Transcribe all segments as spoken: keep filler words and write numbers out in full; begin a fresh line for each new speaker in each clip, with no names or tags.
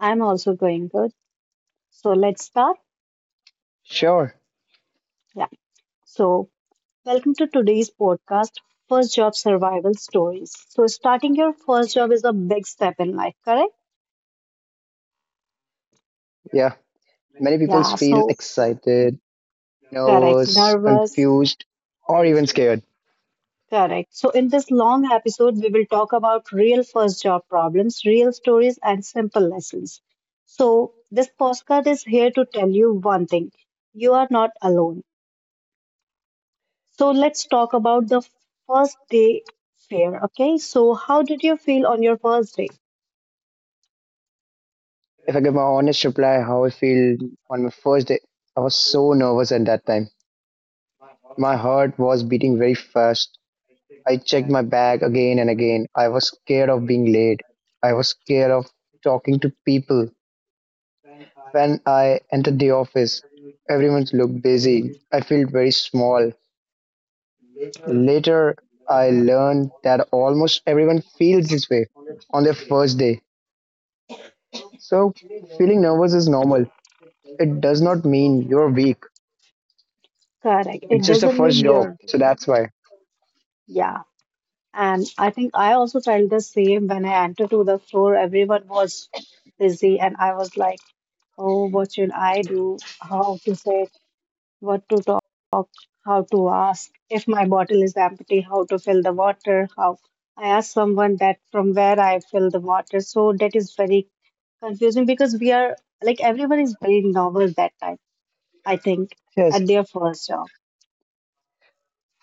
I'm also going good. So let's start.
Sure.
Yeah. So, welcome to today's podcast, First Job Survival Stories. So, starting your first job is a big step in life, correct?
Yeah. Many people
Yeah.
feel
So,
excited,
correct.
nervous,
Nervous.
confused, or even scared.
Correct. So, in this long episode, we will talk about real first job problems, real stories, and simple lessons. So, this podcast is here to tell you one thing: you are not alone. So let's talk about the first day fair. Okay, so how did you feel on your first day?
If I give my honest reply, how I feel on my first day, I was so nervous at that time. My heart was beating very fast. I checked my bag again and again. I was scared of being late. I was scared of talking to people. When I entered the office, everyone looked busy. I felt very small. Later, I learned that almost everyone feels this way on their first day. So, feeling nervous is normal. It does not mean you're weak.
Correct. It
It's just a
doesn't
first
mean
job.
you're,
So, that's why.
yeah. And I think I also felt the same when I entered to the store. Everyone was busy, and I was like, oh, what should I do? How to say, what to talk, how to ask. If my bottle is empty, how to fill the water, how. I asked someone that from where I fill the water. So that is very confusing because we are like everyone is very novel that time, I think,
Yes,
at their first job.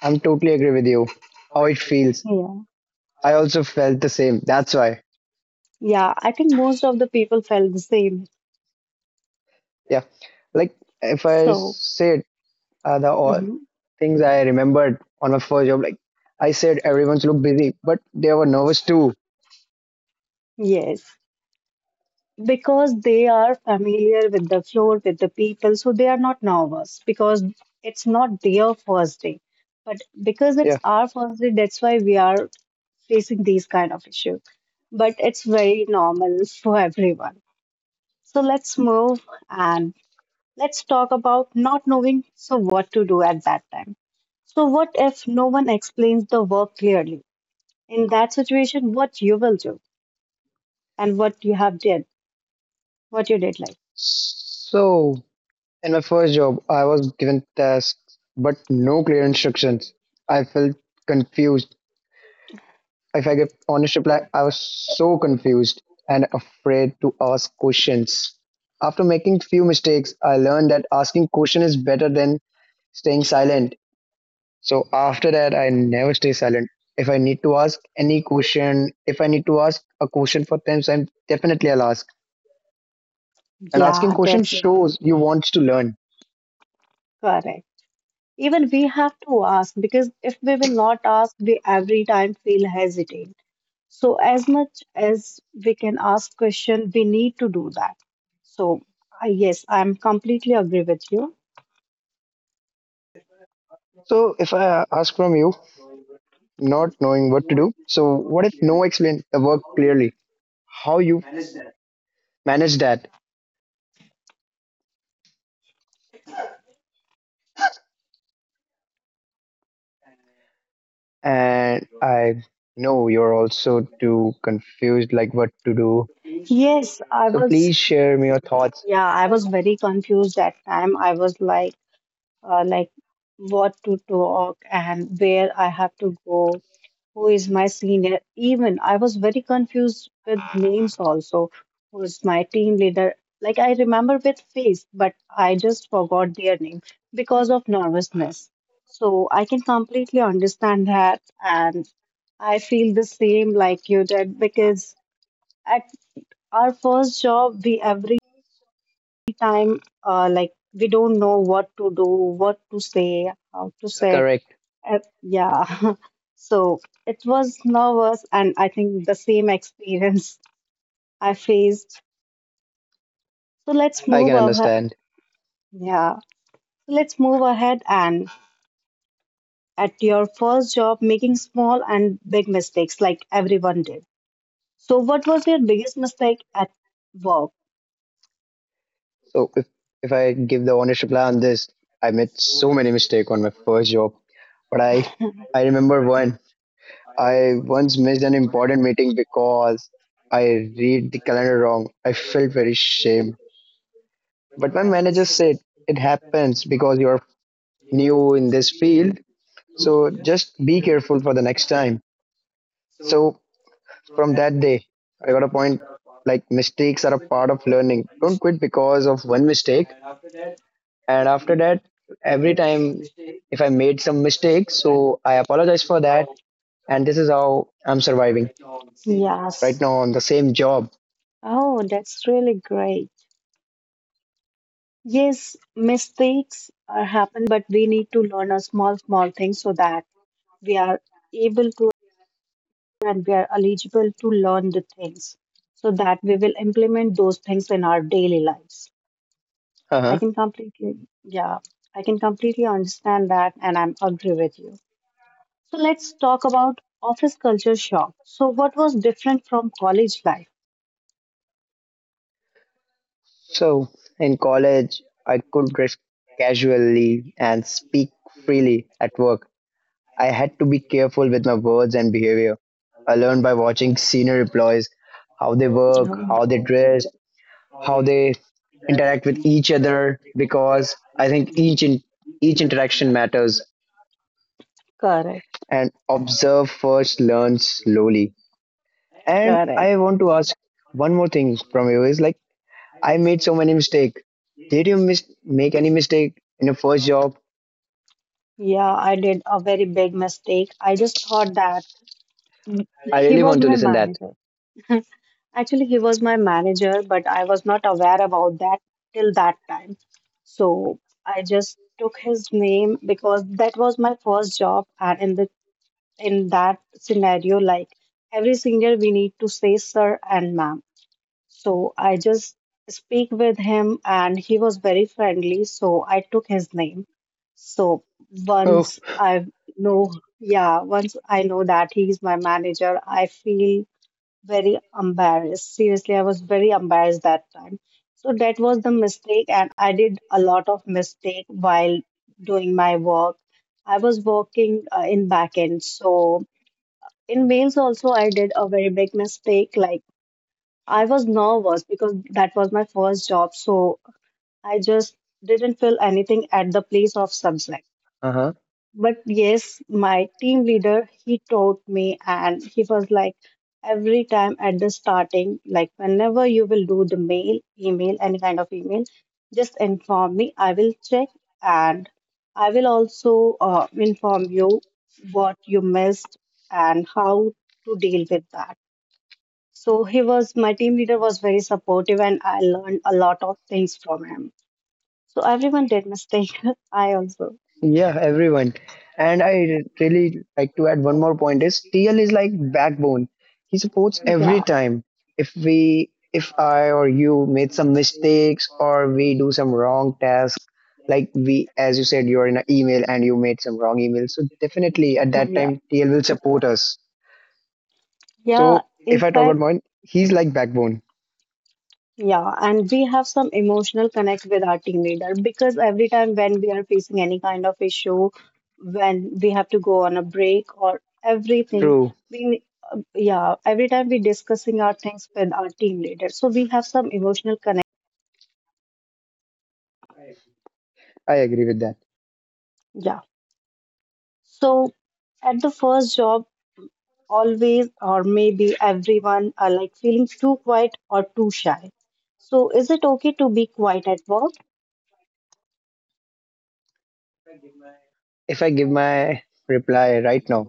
I'm totally agree with you. How it feels.
Yeah.
I also felt the same. That's why.
Yeah. I think most of the people felt the same.
Yeah. Like, if I
So,
said uh, the all
mhm,
things I remembered on my first job, like I said, everyone's look busy, but they were nervous too.
yes. Because they are familiar with the floor, with the people, so they are not nervous because it's not their first day. But because it's
Yeah.
our first day, that's why we are facing these kind of issues. But it's very normal for everyone. So let's move and let's talk about not knowing, so what to do at that time. So what if no one explains the work clearly? In that situation, what you will do and what you have did, what you did like.
So, in my first job, I was given tasks but no clear instructions. I felt confused. If I give honest reply, I was so confused and afraid to ask questions. After making few mistakes, I learned that asking question is better than staying silent. So after that, I never stay silent. If I need to ask any question, if I need to ask a question for ten times, definitely I'll ask. And asking
Yeah,
question
that's
shows you want to learn.
correct. Even we have to ask because if we will not ask, we every time feel hesitant. So as much as we can ask question, we need to do that. So I yes, I'm completely agree with you.
So if I ask from you, not knowing what to do. So, what if no explained the work clearly? How you manage that? And I know you're also too confused, like what to do.
Yes, I
So,
was
please share me your thoughts.
Yeah, I was very confused that time. I was like, uh, like what to talk and where I have to go, who is my senior. Even I was very confused with names also, who is my team leader. Like I remember with face, but I just forgot their name because of nervousness. So I can completely understand that, and I feel the same like you did because at our first job we every time uh, like we don't know what to do, what to say, how to, yeah, say it,
Correct,
uh, yeah so it was nervous and I think the same experience I faced. So let's
I
move
can
over.
understand.
Yeah. So let's move ahead. And at your first job making small and big mistakes like everyone did, so what was your biggest mistake at work?
So, if if I give the honest reply on this, I made so many mistakes on my first job, but I I remember one. I once missed an important meeting because I read the calendar wrong. I felt very shame. But my manager said it happens because you're new in this field. So just be careful for the next time. So from that day, I got a point like mistakes are a part of learning. Don't quit because of one mistake. And after that, every time if I made some mistakes, so I apologize for that. And this is how I'm surviving right
Yes.
now on the same job.
Oh, that's really great. Yes, mistakes are happen, but we need to learn a small, small thing so that we are able to and we are eligible to learn the things so that we will implement those things in our daily lives. I
Uh-huh.
can completely, yeah, I can completely understand that and I'm agree with you. So let's talk about office culture shock. So what was different from college life?
So in college, I could dress casually and speak freely at work. I had to be careful with my words and behavior. I learned by watching senior employees how they work, how they dress, how they interact with each other because I think each in, each interaction matters
Correct.
and observe first, learn slowly. And I want to ask one more thing from you is like I made so many mistakes. Did you mis- make any mistake in your first job?
Yeah, I did a very big mistake. I just thought that
I
he
really
was
want to
my
listen that.
manager. Actually, he was my manager, but I was not aware about that till that time. So I just took his name because that was my first job, and in the in that scenario, like every senior, we need to say sir and ma'am. So I just speak with him and he was very friendly. So I took his name. So
Oh,
once I know, yeah, once I know that he's my manager, I feel very embarrassed. Seriously, I was very embarrassed that time. So that was the mistake, and I did a lot of mistake while doing my work. I was working uh, in backend, so in Wales also I did a very big mistake. Like I was nervous because that was my first job, so I just didn't feel anything at the place of subject.
uh-huh.
But yes, my team leader, he taught me and he was like, every time at the starting, like whenever you will do the mail, email, any kind of email, just inform me. I will check and I will also uh, inform you what you missed and how to deal with that. So he was my team leader was very supportive and I learned a lot of things from him. So everyone did mistake. I also.
Yeah, everyone. And
Yeah.
I really like to add one more point is T L is like backbone. He supports every
Yeah.
time. If we if I or you made some mistakes or we do some wrong task, like we as you said you are in an email and you made some wrong email. So definitely at that
Yeah.
time T L will support us.
Yeah.
So
In
if I talk about
fact,
mine, he's like backbone.
yeah, and we have some emotional connect with our team leader because every time when we are facing any kind of issue, when we have to go on a break or everything,
True.
we uh, yeah, every time we discussing our things with our team leader, so we have some emotional connection and bond too.
I agree with that.
Yeah. So at the first job, always or maybe everyone are like feeling too quiet or too shy. So is it okay to be quiet at work?
If I give my reply right now,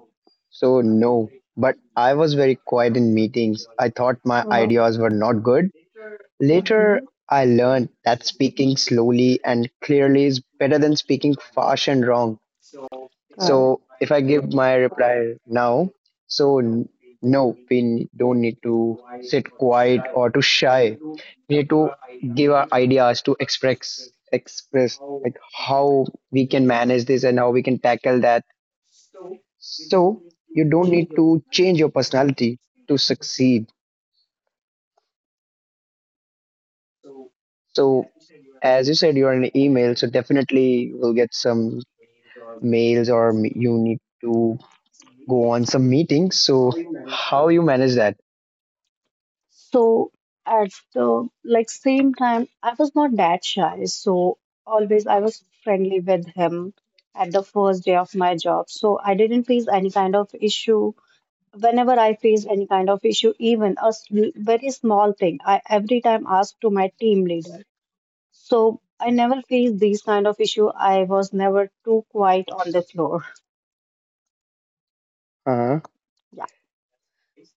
so no. But I was very quiet in meetings. I thought my
Uh,
ideas were not good.
mhm.
Later, I
Correct.
learned that speaking slowly and clearly is better than speaking fast and wrong.
So
So if I give my reply now, so n- no, we n- don't need to sit quiet or to shy. We need to give our ideas to express express like how we can manage this and how we can tackle that so you don't need to change your personality to succeed. So as you said, you're an email, so definitely you will get some mails or m- you need to go on some meetings. So how you manage that?
at the like same time, I was not that shy. So always I was friendly with him at the first day of my job. So I didn't face any kind of issue. Whenever I faced any kind of issue, even a s- very small thing, I every time asked to my team leader. So I never faced these kind of issue. I was never too quiet on the floor.
Uh-huh,
Yeah,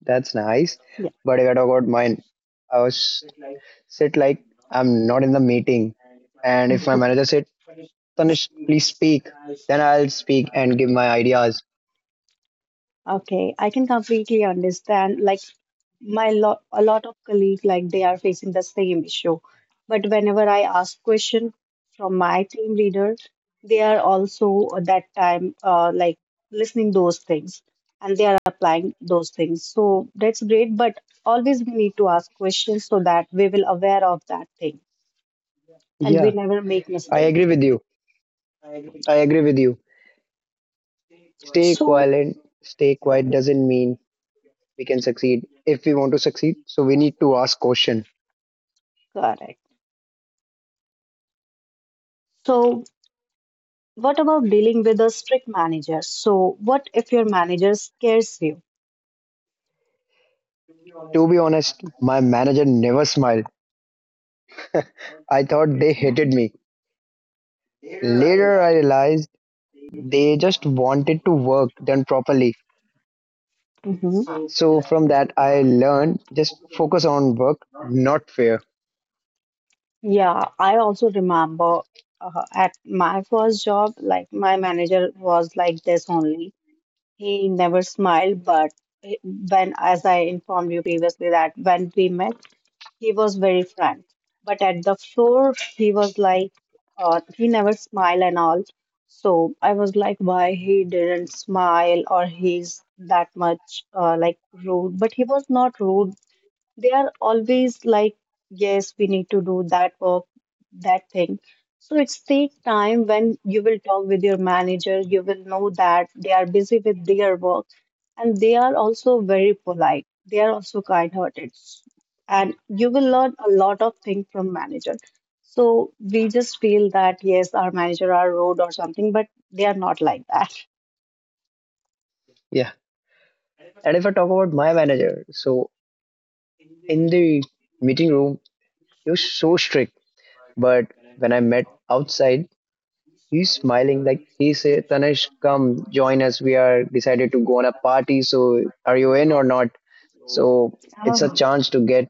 that's nice.
yeah.
But if I talk about mine, I was said like I'm not in the meeting, and if my manager said, "Tanish, please speak," then I'll speak and give my ideas.
Okay, I can completely understand. Like my lot, a lot of colleagues, like they are facing the same issue. But whenever I ask question from my team leader, they are also at that time uh, like listening those things and they are applying those things. So that's great. But always we need to ask questions so that we will aware of that thing, and we
Yeah,
never make
I agree
mistakes.
with you. I agree with you. stay
So,
quiet stay quiet doesn't mean we can succeed. If we want to succeed, so we need to ask question.
correct. So, what about dealing with a strict manager? So, what if your manager scares you?
To be honest, my manager never smiled. I thought they hated me. Later, I realized they just wanted to work done properly.
Mhm.
So from that I learned just focus on work, not fear.
Yeah, I also remember uh, at my first job, like my manager was like this only. He never smiled, but he- when, as I informed you previously, that when we met, he was very frank. But at the floor, he was like, uh, he never smile and all. So I was like, why he didn't smile or he's that much uh, like rude. But he was not rude. They are always like, yes, we need to do that work, that thing. So it's take time when you will talk with your manager, you will know that they are busy with their work and they are also very polite. They are also kind-hearted. And you will learn a lot of things from manager. So we just feel that yes, our manager are rude or something, but they are not like that.
Yeah, and if I talk about my manager, so in the meeting room he was so strict, but when I met outside, he's smiling. Like he said, Tanish, come join us. We are decided to go on a party. So are you in or not? So it's a
Oh,
chance to get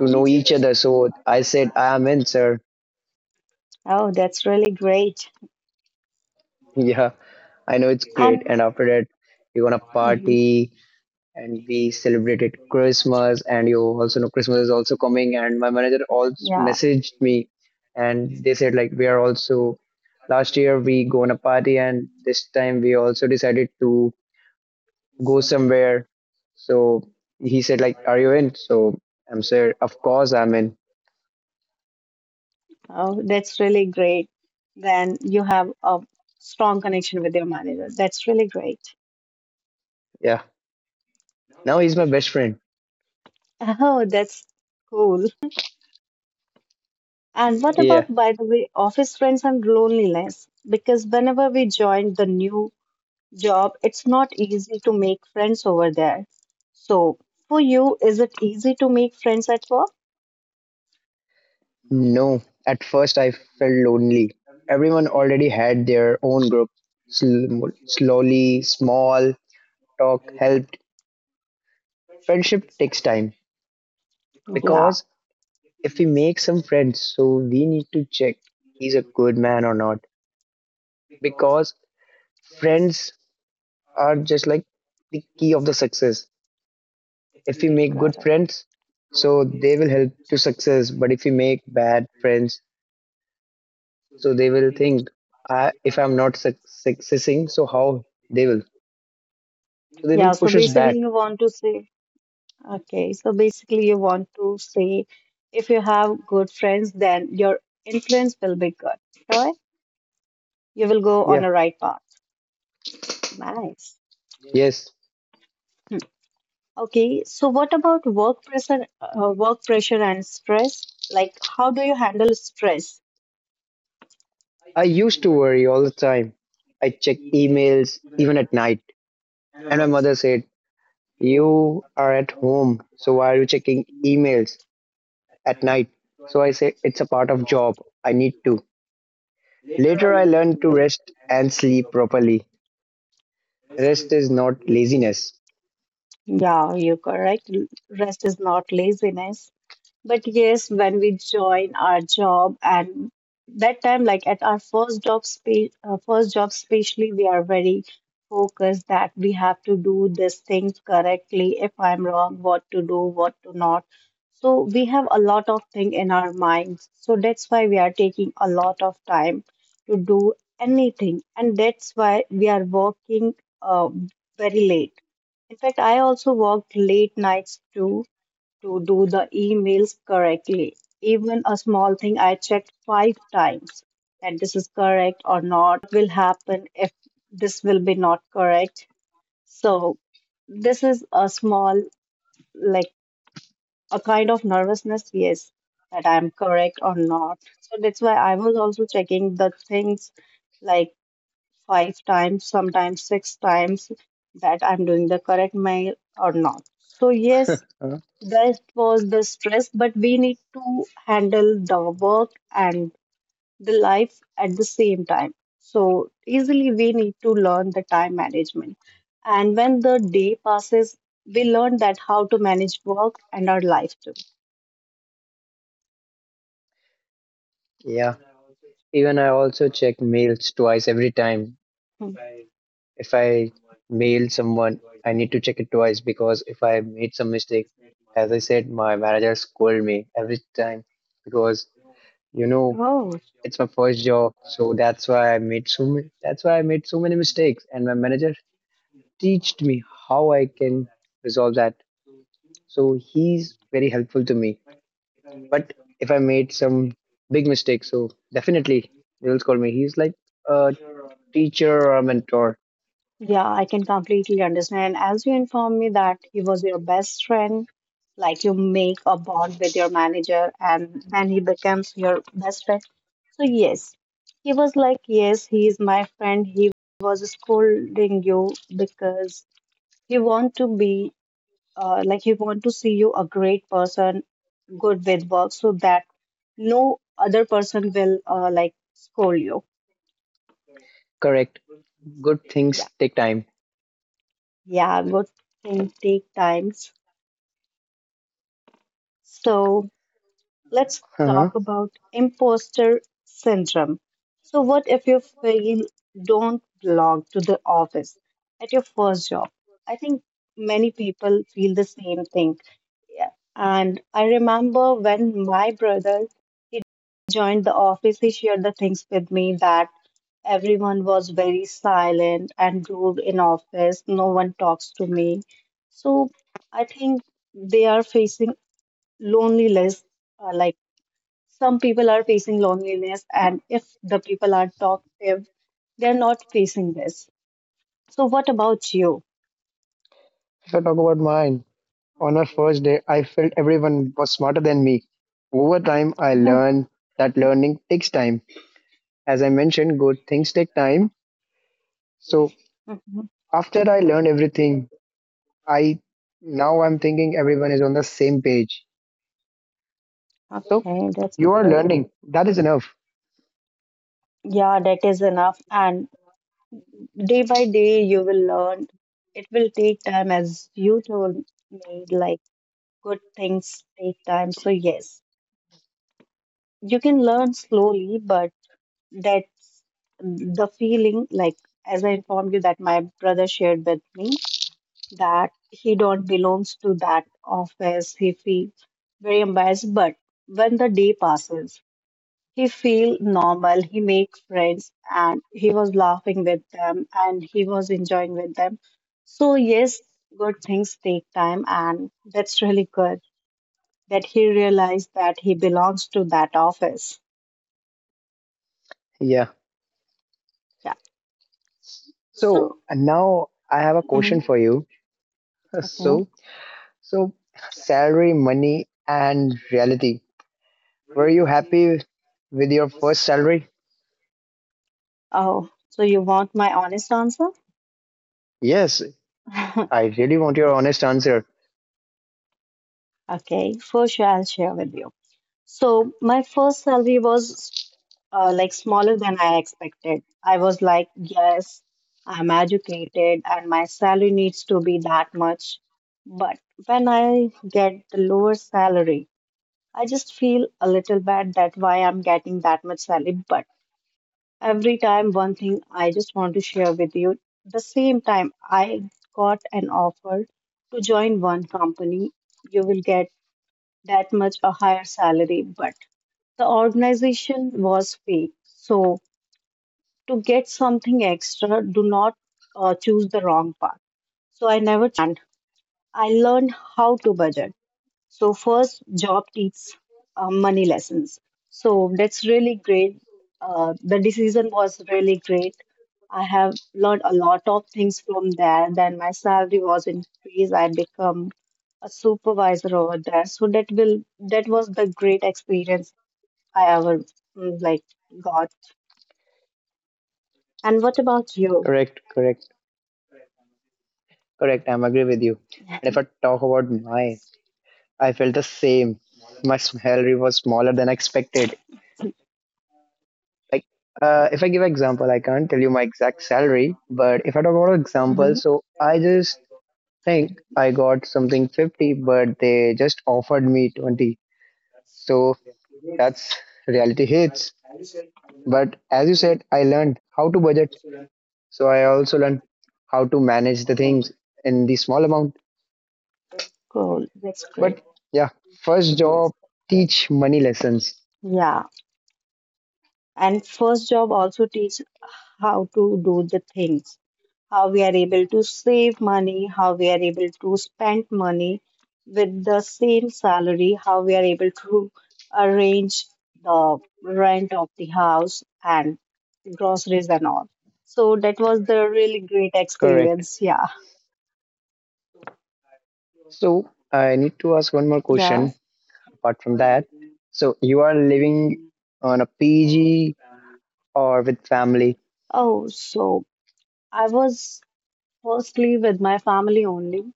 to know each other. So I said, I am in, sir.
oh, that's really great.
Yeah, I know it's great.
And
And after that, we are gonna
mhm,
party and we celebrated Christmas. And you also know Christmas is also coming. And my manager also
yeah,
messaged me and they said, like, we are also last year we go on a party and this time we also decided to go somewhere. So he said, like, are you in? So I'm sir, of course I'm in.
oh, that's really great. Then you have a strong connection with your manager. That's really great.
Yeah. Now he's my best friend.
Oh, that's cool. And what about,
Yeah.
by the way, office friends and loneliness? Because whenever we joined the new job, it's not easy to make friends over there. So, for you, is it easy to make friends at work?
No. At first I felt lonely. Everyone already had their own group. Sl- slowly, small talk helped. Friendship takes time
Yeah,
because if we make some friends, so we need to check he's a good man or not. Because friends are just like the key of the success. If we make good
correct.
friends, so they will help to success. But if we make bad friends, so they will think I, if I'm not suc succeeding, so how they will, so they
Yeah,
will
so
push us
basically
back.
you want to say, okay, so basically you want to say if you have good friends, then your influence will be good. All right? You will go on
Yeah.
the right path. Nice.
Yes,
Hmm. Okay, so what about work pressure, uh, work pressure and stress? Like, how do you handle stress?
I used to worry all the time. I check emails even at night, and my mother said, you are at home, so why are you checking emails at night? So I said it's a part of job I need to. Later, I learned to rest and sleep properly. Rest is not laziness.
Yeah, you're correct. L- Rest is not laziness. But yes, when we join our job and that time, like at our first job, spe- uh, first job especially, we are very focused that we have to do this thing correctly. If I'm wrong, what to do, what to not. So we have a lot of thing in our minds. So that's why we are taking a lot of time to do anything, and that's why we are working uh, very late. In fact, I also worked late nights too to do the emails correctly. Even a small thing, I checked five times that this is correct or not. What will happen if this will be not correct? So this is a small, like a kind of nervousness, yes, that I'm correct or not. So that's why I was also checking the things like five times, sometimes six times that I'm doing the correct mail or not. So yes,
Huh?
that was the stress, but we need to handle the work and the life at the same time. So easily we need to learn the time management. And when the day passes, we learn that how to manage work and our life too.
Yeah. Even I also check mails twice every time.
Hmm.
If I mail someone, I need to check it twice because if I made some mistake, as I said, my manager scold me every time because you know
Oh.
it's my first job, so that's why I made so many. That's why I made so many mistakes, and my manager teached me how I can resolve that. So he's very helpful to me. But if I made some big mistake, so definitely they will scold me. He's like, uh, teacher or mentor.
Yeah, I can completely understand. As you informed me that he was your best friend, like you make a bond with your manager and then he becomes your best friend. So, yes, he was like, yes, he is my friend. He was scolding you because he want to be, uh, like, he want to see you a great person, good with work, so that no other person will, uh, like, scold you.
Correct. Good
Yeah,
things take time.
yeah, good thing, take time. So let's
Uh-huh.
talk about imposter syndrome. So, what if you fail, don't belong to the office at your first job? I think many people feel the same thing. Yeah. And I remember when my brother he joined the office, he shared the things with me that everyone was very silent and rude in office. No one talks to me. So I think they are facing loneliness, uh, like some people are facing loneliness, and if the people are talkative, they're not facing this. So what about you?
If I talk about mine, on our first day, I felt everyone was smarter than me. Over time, I
Mhm.
learned that learning takes time. As I mentioned, good things take time. So
mhm.
after I learned everything, I now I'm thinking everyone is on the same page. So
Okay, that's
you are
good.
learning. That is enough.
Yeah, that is enough, and day by day you will learn. It will take time. As you told me, like, good things take time, so yes, you can learn slowly. But that the feeling, like, as I informed you that my brother shared with me that he don't belongs to that office, he feels very embarrassed. But when the day passes, he feel normal, he make friends, and he was laughing with them and he was enjoying with them. So yes, good things take time, and that's really good that he realized that he belongs to that office.
Yeah.
Yeah.
So
So
and now I have a
mhm.
question for you.
Okay.
So So, salary, money, and reality. Were you happy with your first salary?
Oh, so you want my honest answer?
Yes, I really want your honest answer.
Okay, for sure, I'll share with you. So, my first salary was uh, like smaller than I expected. I was like, yes, I'm educated and my salary needs to be that much. But when I get the lower salary, I just feel a little bad that why I'm getting that much salary. But every time, one thing I just want to share with you. The same time I got an offer to join one company, you will get that much a higher salary, but the organization was fake. So, to get something extra, do not uh, choose the wrong path. So, I never choose that company and I learned how to budget. So first, job teaches uh, money lessons. So that's really great. Uh, the decision was really great. I have learned a lot of things from there. Then my salary was increased. I become a supervisor over there. So that will that was the great experience I ever mm, like got. And what about you?
Correct, correct, correct. I'm agree with you. And if I talk about mine, I felt the same. My salary was smaller than expected. Like, uh, if I give example, I can't tell you my exact salary, but if I talk about example,
hmm
so I just think I got something fifty, but they just offered me twenty. So that's reality hits. But as you said, I learned how to budget. So I also learned how to manage the things in the small amount.
Cool. That's great.
But yeah, first job teach money lessons.
Yeah. And first job also teach how to do the things, how we are able to save money, how we are able to spend money with the same salary, how we are able to arrange the rent of the house and groceries and all. So that was the really great
Correct.
experience. Yeah.
So I need to ask one more
Yeah.
question apart from that. So you are living on a P G or with family?
Oh, so I was firstly with my family only,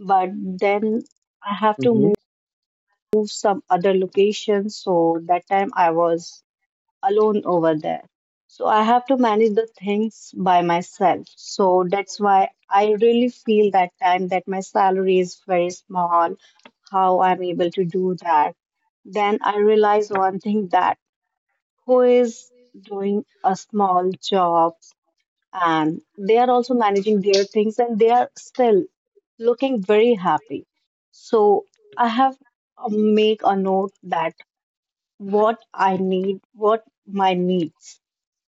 but then I have to
Hmm.
move some other location. So that time I was alone over there. So I have to manage the things by myself. So that's why I really feel that time that my salary is very small, how I'm able to do that. Then I realize one thing that who is doing a small job and they are also managing their things and they are still looking very happy. So I have uh, make a note that what I need, what my needs,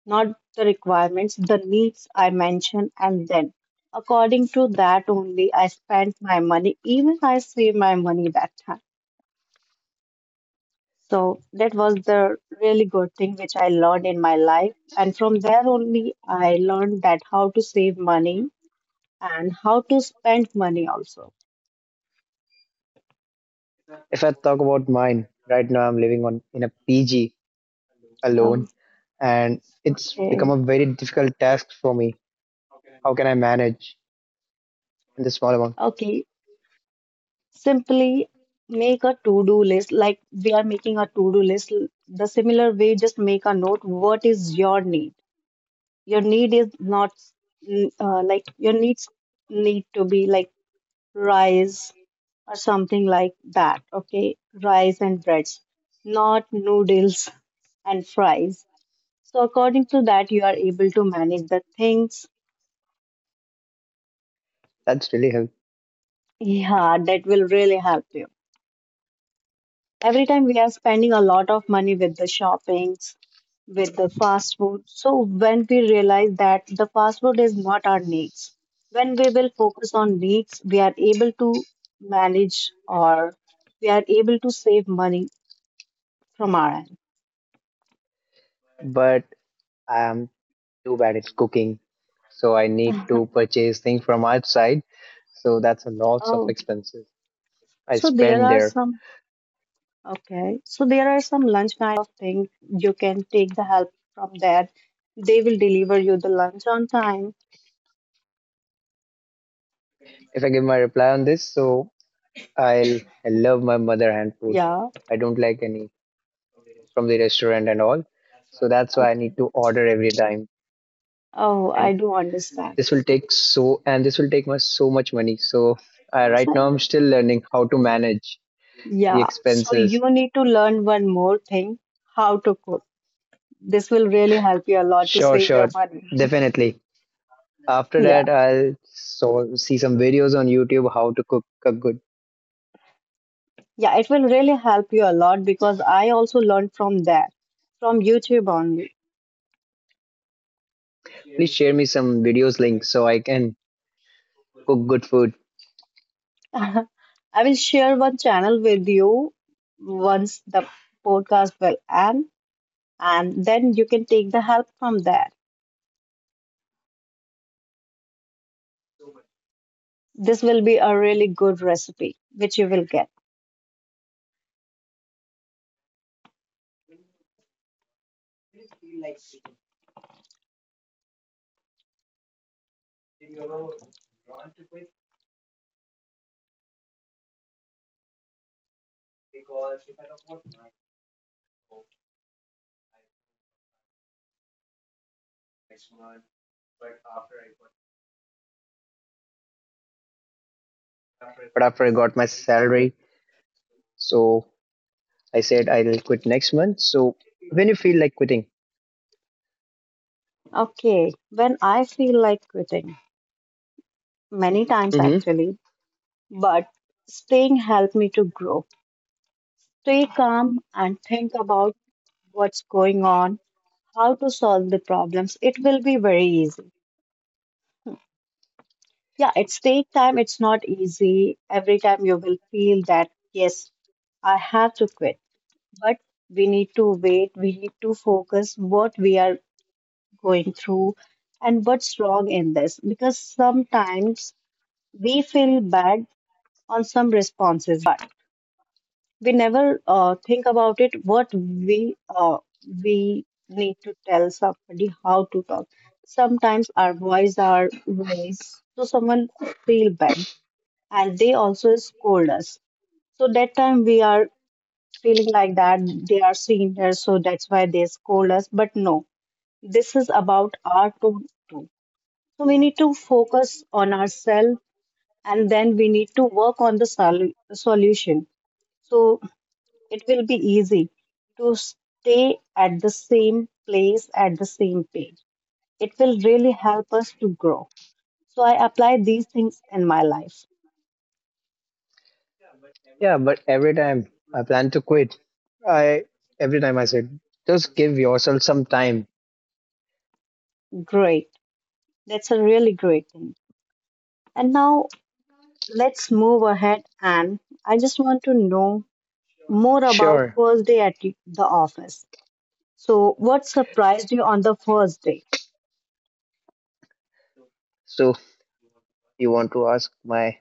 not the requirements, the needs I mention, and then according to that only I spend my money, even I save my money that time. So that was the really good thing which I learned in my life. And from there only I learned that how to save money and how to spend money also.
If I talk about mine, right now I'm living on in a P G
Oh,
alone and it's become
okay.
a very difficult task for me. How can I manage in the small amount?
Okay. Simply make a to-do list, like we are making a to-do list. The similar way, just make a note. What is your need? Your need is not mm, uh, like your needs need to be like rice or something like that. Okay. Rice and breads, not noodles and fries. So according to that, you are able to manage the things.
That's really help.
Yeah, that will really help you. Every time we are spending a lot of money with the shoppings, with the fast food. So when we realize that the fast food is not our needs, when we will focus on needs, we are able to manage or we are able to save money from our end.
But I'm too bad at cooking, so I need to purchase things from outside. So that's a lots of
Oh,
expenses I
so there
spend
are
there.
some okay. So there are some lunch kind of thing you can take the help from there. They will deliver you the lunch on time.
If I give my reply on this, so I'll I love my mother hand food.
Yeah.
I don't like any from the restaurant and all. So that's why I
Okay.
need to order every time.
Oh,
And
I do understand.
this will take so and this will take my so much money. So I
So,
right now I'm still learning how to manage the
yeah. So
expenses.
you need to learn one more thing, how to cook. This will really help you a lot to
Sure,
save your
sure.
money.
Definitely. After
Yeah.
that, I'll so, see some videos on YouTube how to cook a good.
Yeah, it will really help you a lot because I also learned from there, from YouTube only.
Please share me some videos links so I can cook good food.
I will share one channel with you once the podcast will end, and then you can take the help from there. This will be a really good recipe, which you will get.
But after I got my salary, so I said I'll quit next month. So when you feel like quitting,
Okay, when I feel like quitting, many times
hmm,
actually, but staying helped me to grow. Stay calm and think about what's going on, how to solve the problems. It will be very easy. Yeah, it's take time, it's not easy. Every time you will feel that, yes, I have to quit, but we need to wait, we need to focus what we are going through and what's wrong in this. Because sometimes we feel bad on some responses, but we never uh, think about it what we uh, we need to tell somebody, how to talk. Sometimes our voice are raised, so someone feel bad and they also scold us. So that time we are feeling like that they are seniors, so that's why they scold us, but no, this is about our tone too. So we need to focus on ourselves and then we need to work on the sol- solution. So it will be easy to stay at the same place at the same page. It will really help us to grow. So I apply these things in my life.
yeah. But every time I plan to quit, I every time I said just give yourself some time.
Great. That's a really great thing. And now let's move ahead and I just want to know more about
Sure.
first day at the office. So what surprised you on the first day?
So you want to ask my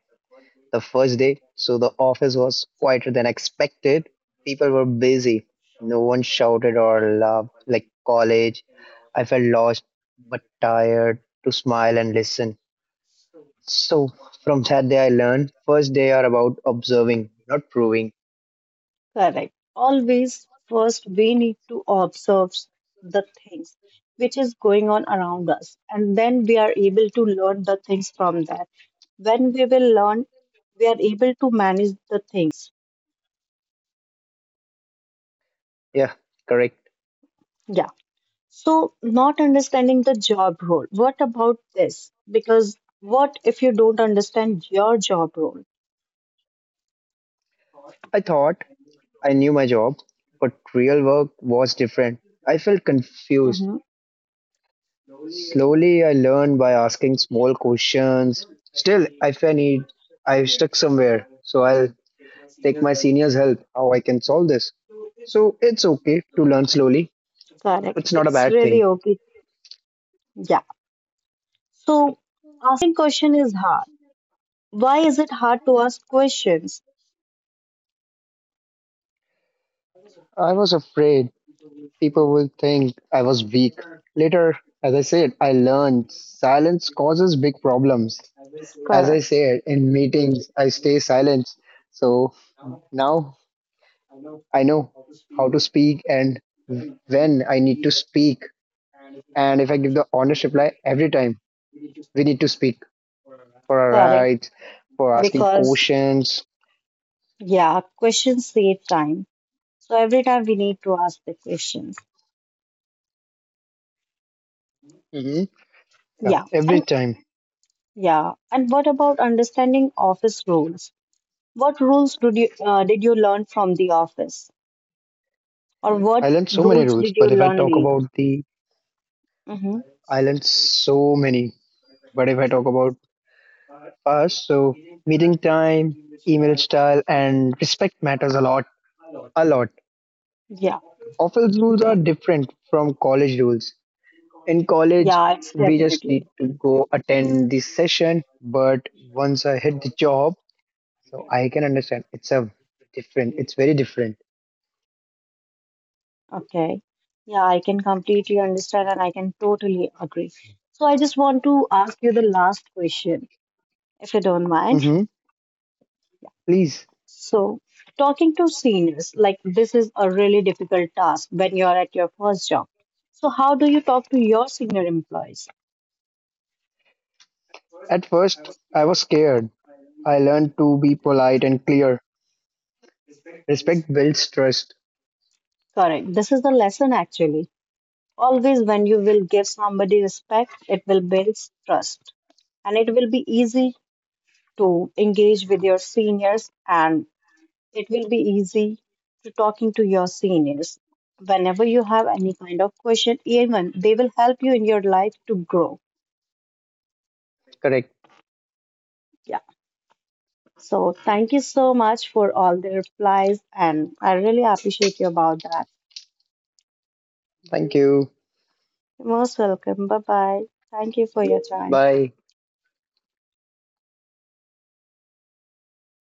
the first day, so the office was quieter than expected. People were busy. No one shouted or laughed like college. I felt lost but tired to smile and listen. So from that day, I learned first day are about observing, not proving.
Correct. Always first we need to observe the things which is going on around us and then we are able to learn the things from that. When we will learn, we are able to manage the things.
Yeah, correct.
Yeah. So not understanding the job role. What about this? Because what if you don't understand your job role?
I thought I knew my job, but real work was different. I felt confused.
Mm-hmm.
Slowly, I learned by asking small questions. Still, if I need, I'm stuck somewhere, so I'll take my senior's help how I can solve this. So it's okay to learn slowly.
Correct.
It's not a
It's
bad
really
thing.
okay. Yeah. So asking question is hard. Why is it hard to ask questions?
I was afraid people will think I was weak. Later, as I said, I learned silence causes big problems. As I
Correct.
said, in meetings, I stay silent. So now I know how to speak and when I need to speak. And if I give the honest reply every time, we need to speak for our
Correct.
rights, for asking
Because,
questions.
yeah, questions save time. So every time we need to ask the questions.
Hmm. Yeah,
Yeah.
every
And
time.
yeah. And what about understanding office rules? What rules did you uh, did you learn from the office, or
I
what
learned so many
rules
rules,
did you
but if I
learn
talk
late?
about the,
Mm-hmm.
I learned so many. But if I talk about us, so meeting time, email style, and respect matters a lot, a lot.
Yeah.
Office rules are different from college rules. In college,
Yeah. It's
we just
definitely.
need to go attend the session, but once I hit the job, so I can understand. It's a different, it's very different.
Okay. Yeah, I can completely understand and I can totally agree. So I just want to ask you the last question, if you don't mind.
Mm-hmm. Please.
So, talking to seniors, like this is a really difficult task when you're at your first job. So, how do you talk to your senior employees?
At first, I was scared. I learned to be polite and clear. Respect builds trust.
Correct. This is the lesson actually. Always when you will give somebody respect, it will build trust and it will be easy to engage with your seniors, and it will be easy to talking to your seniors. Whenever you have any kind of question, even they will help you in your life to grow.
Correct.
Yeah. So thank you so much for all the replies and I really appreciate you about that.
Thank you.
You're most welcome. Bye bye. Thank you for your time.
Bye.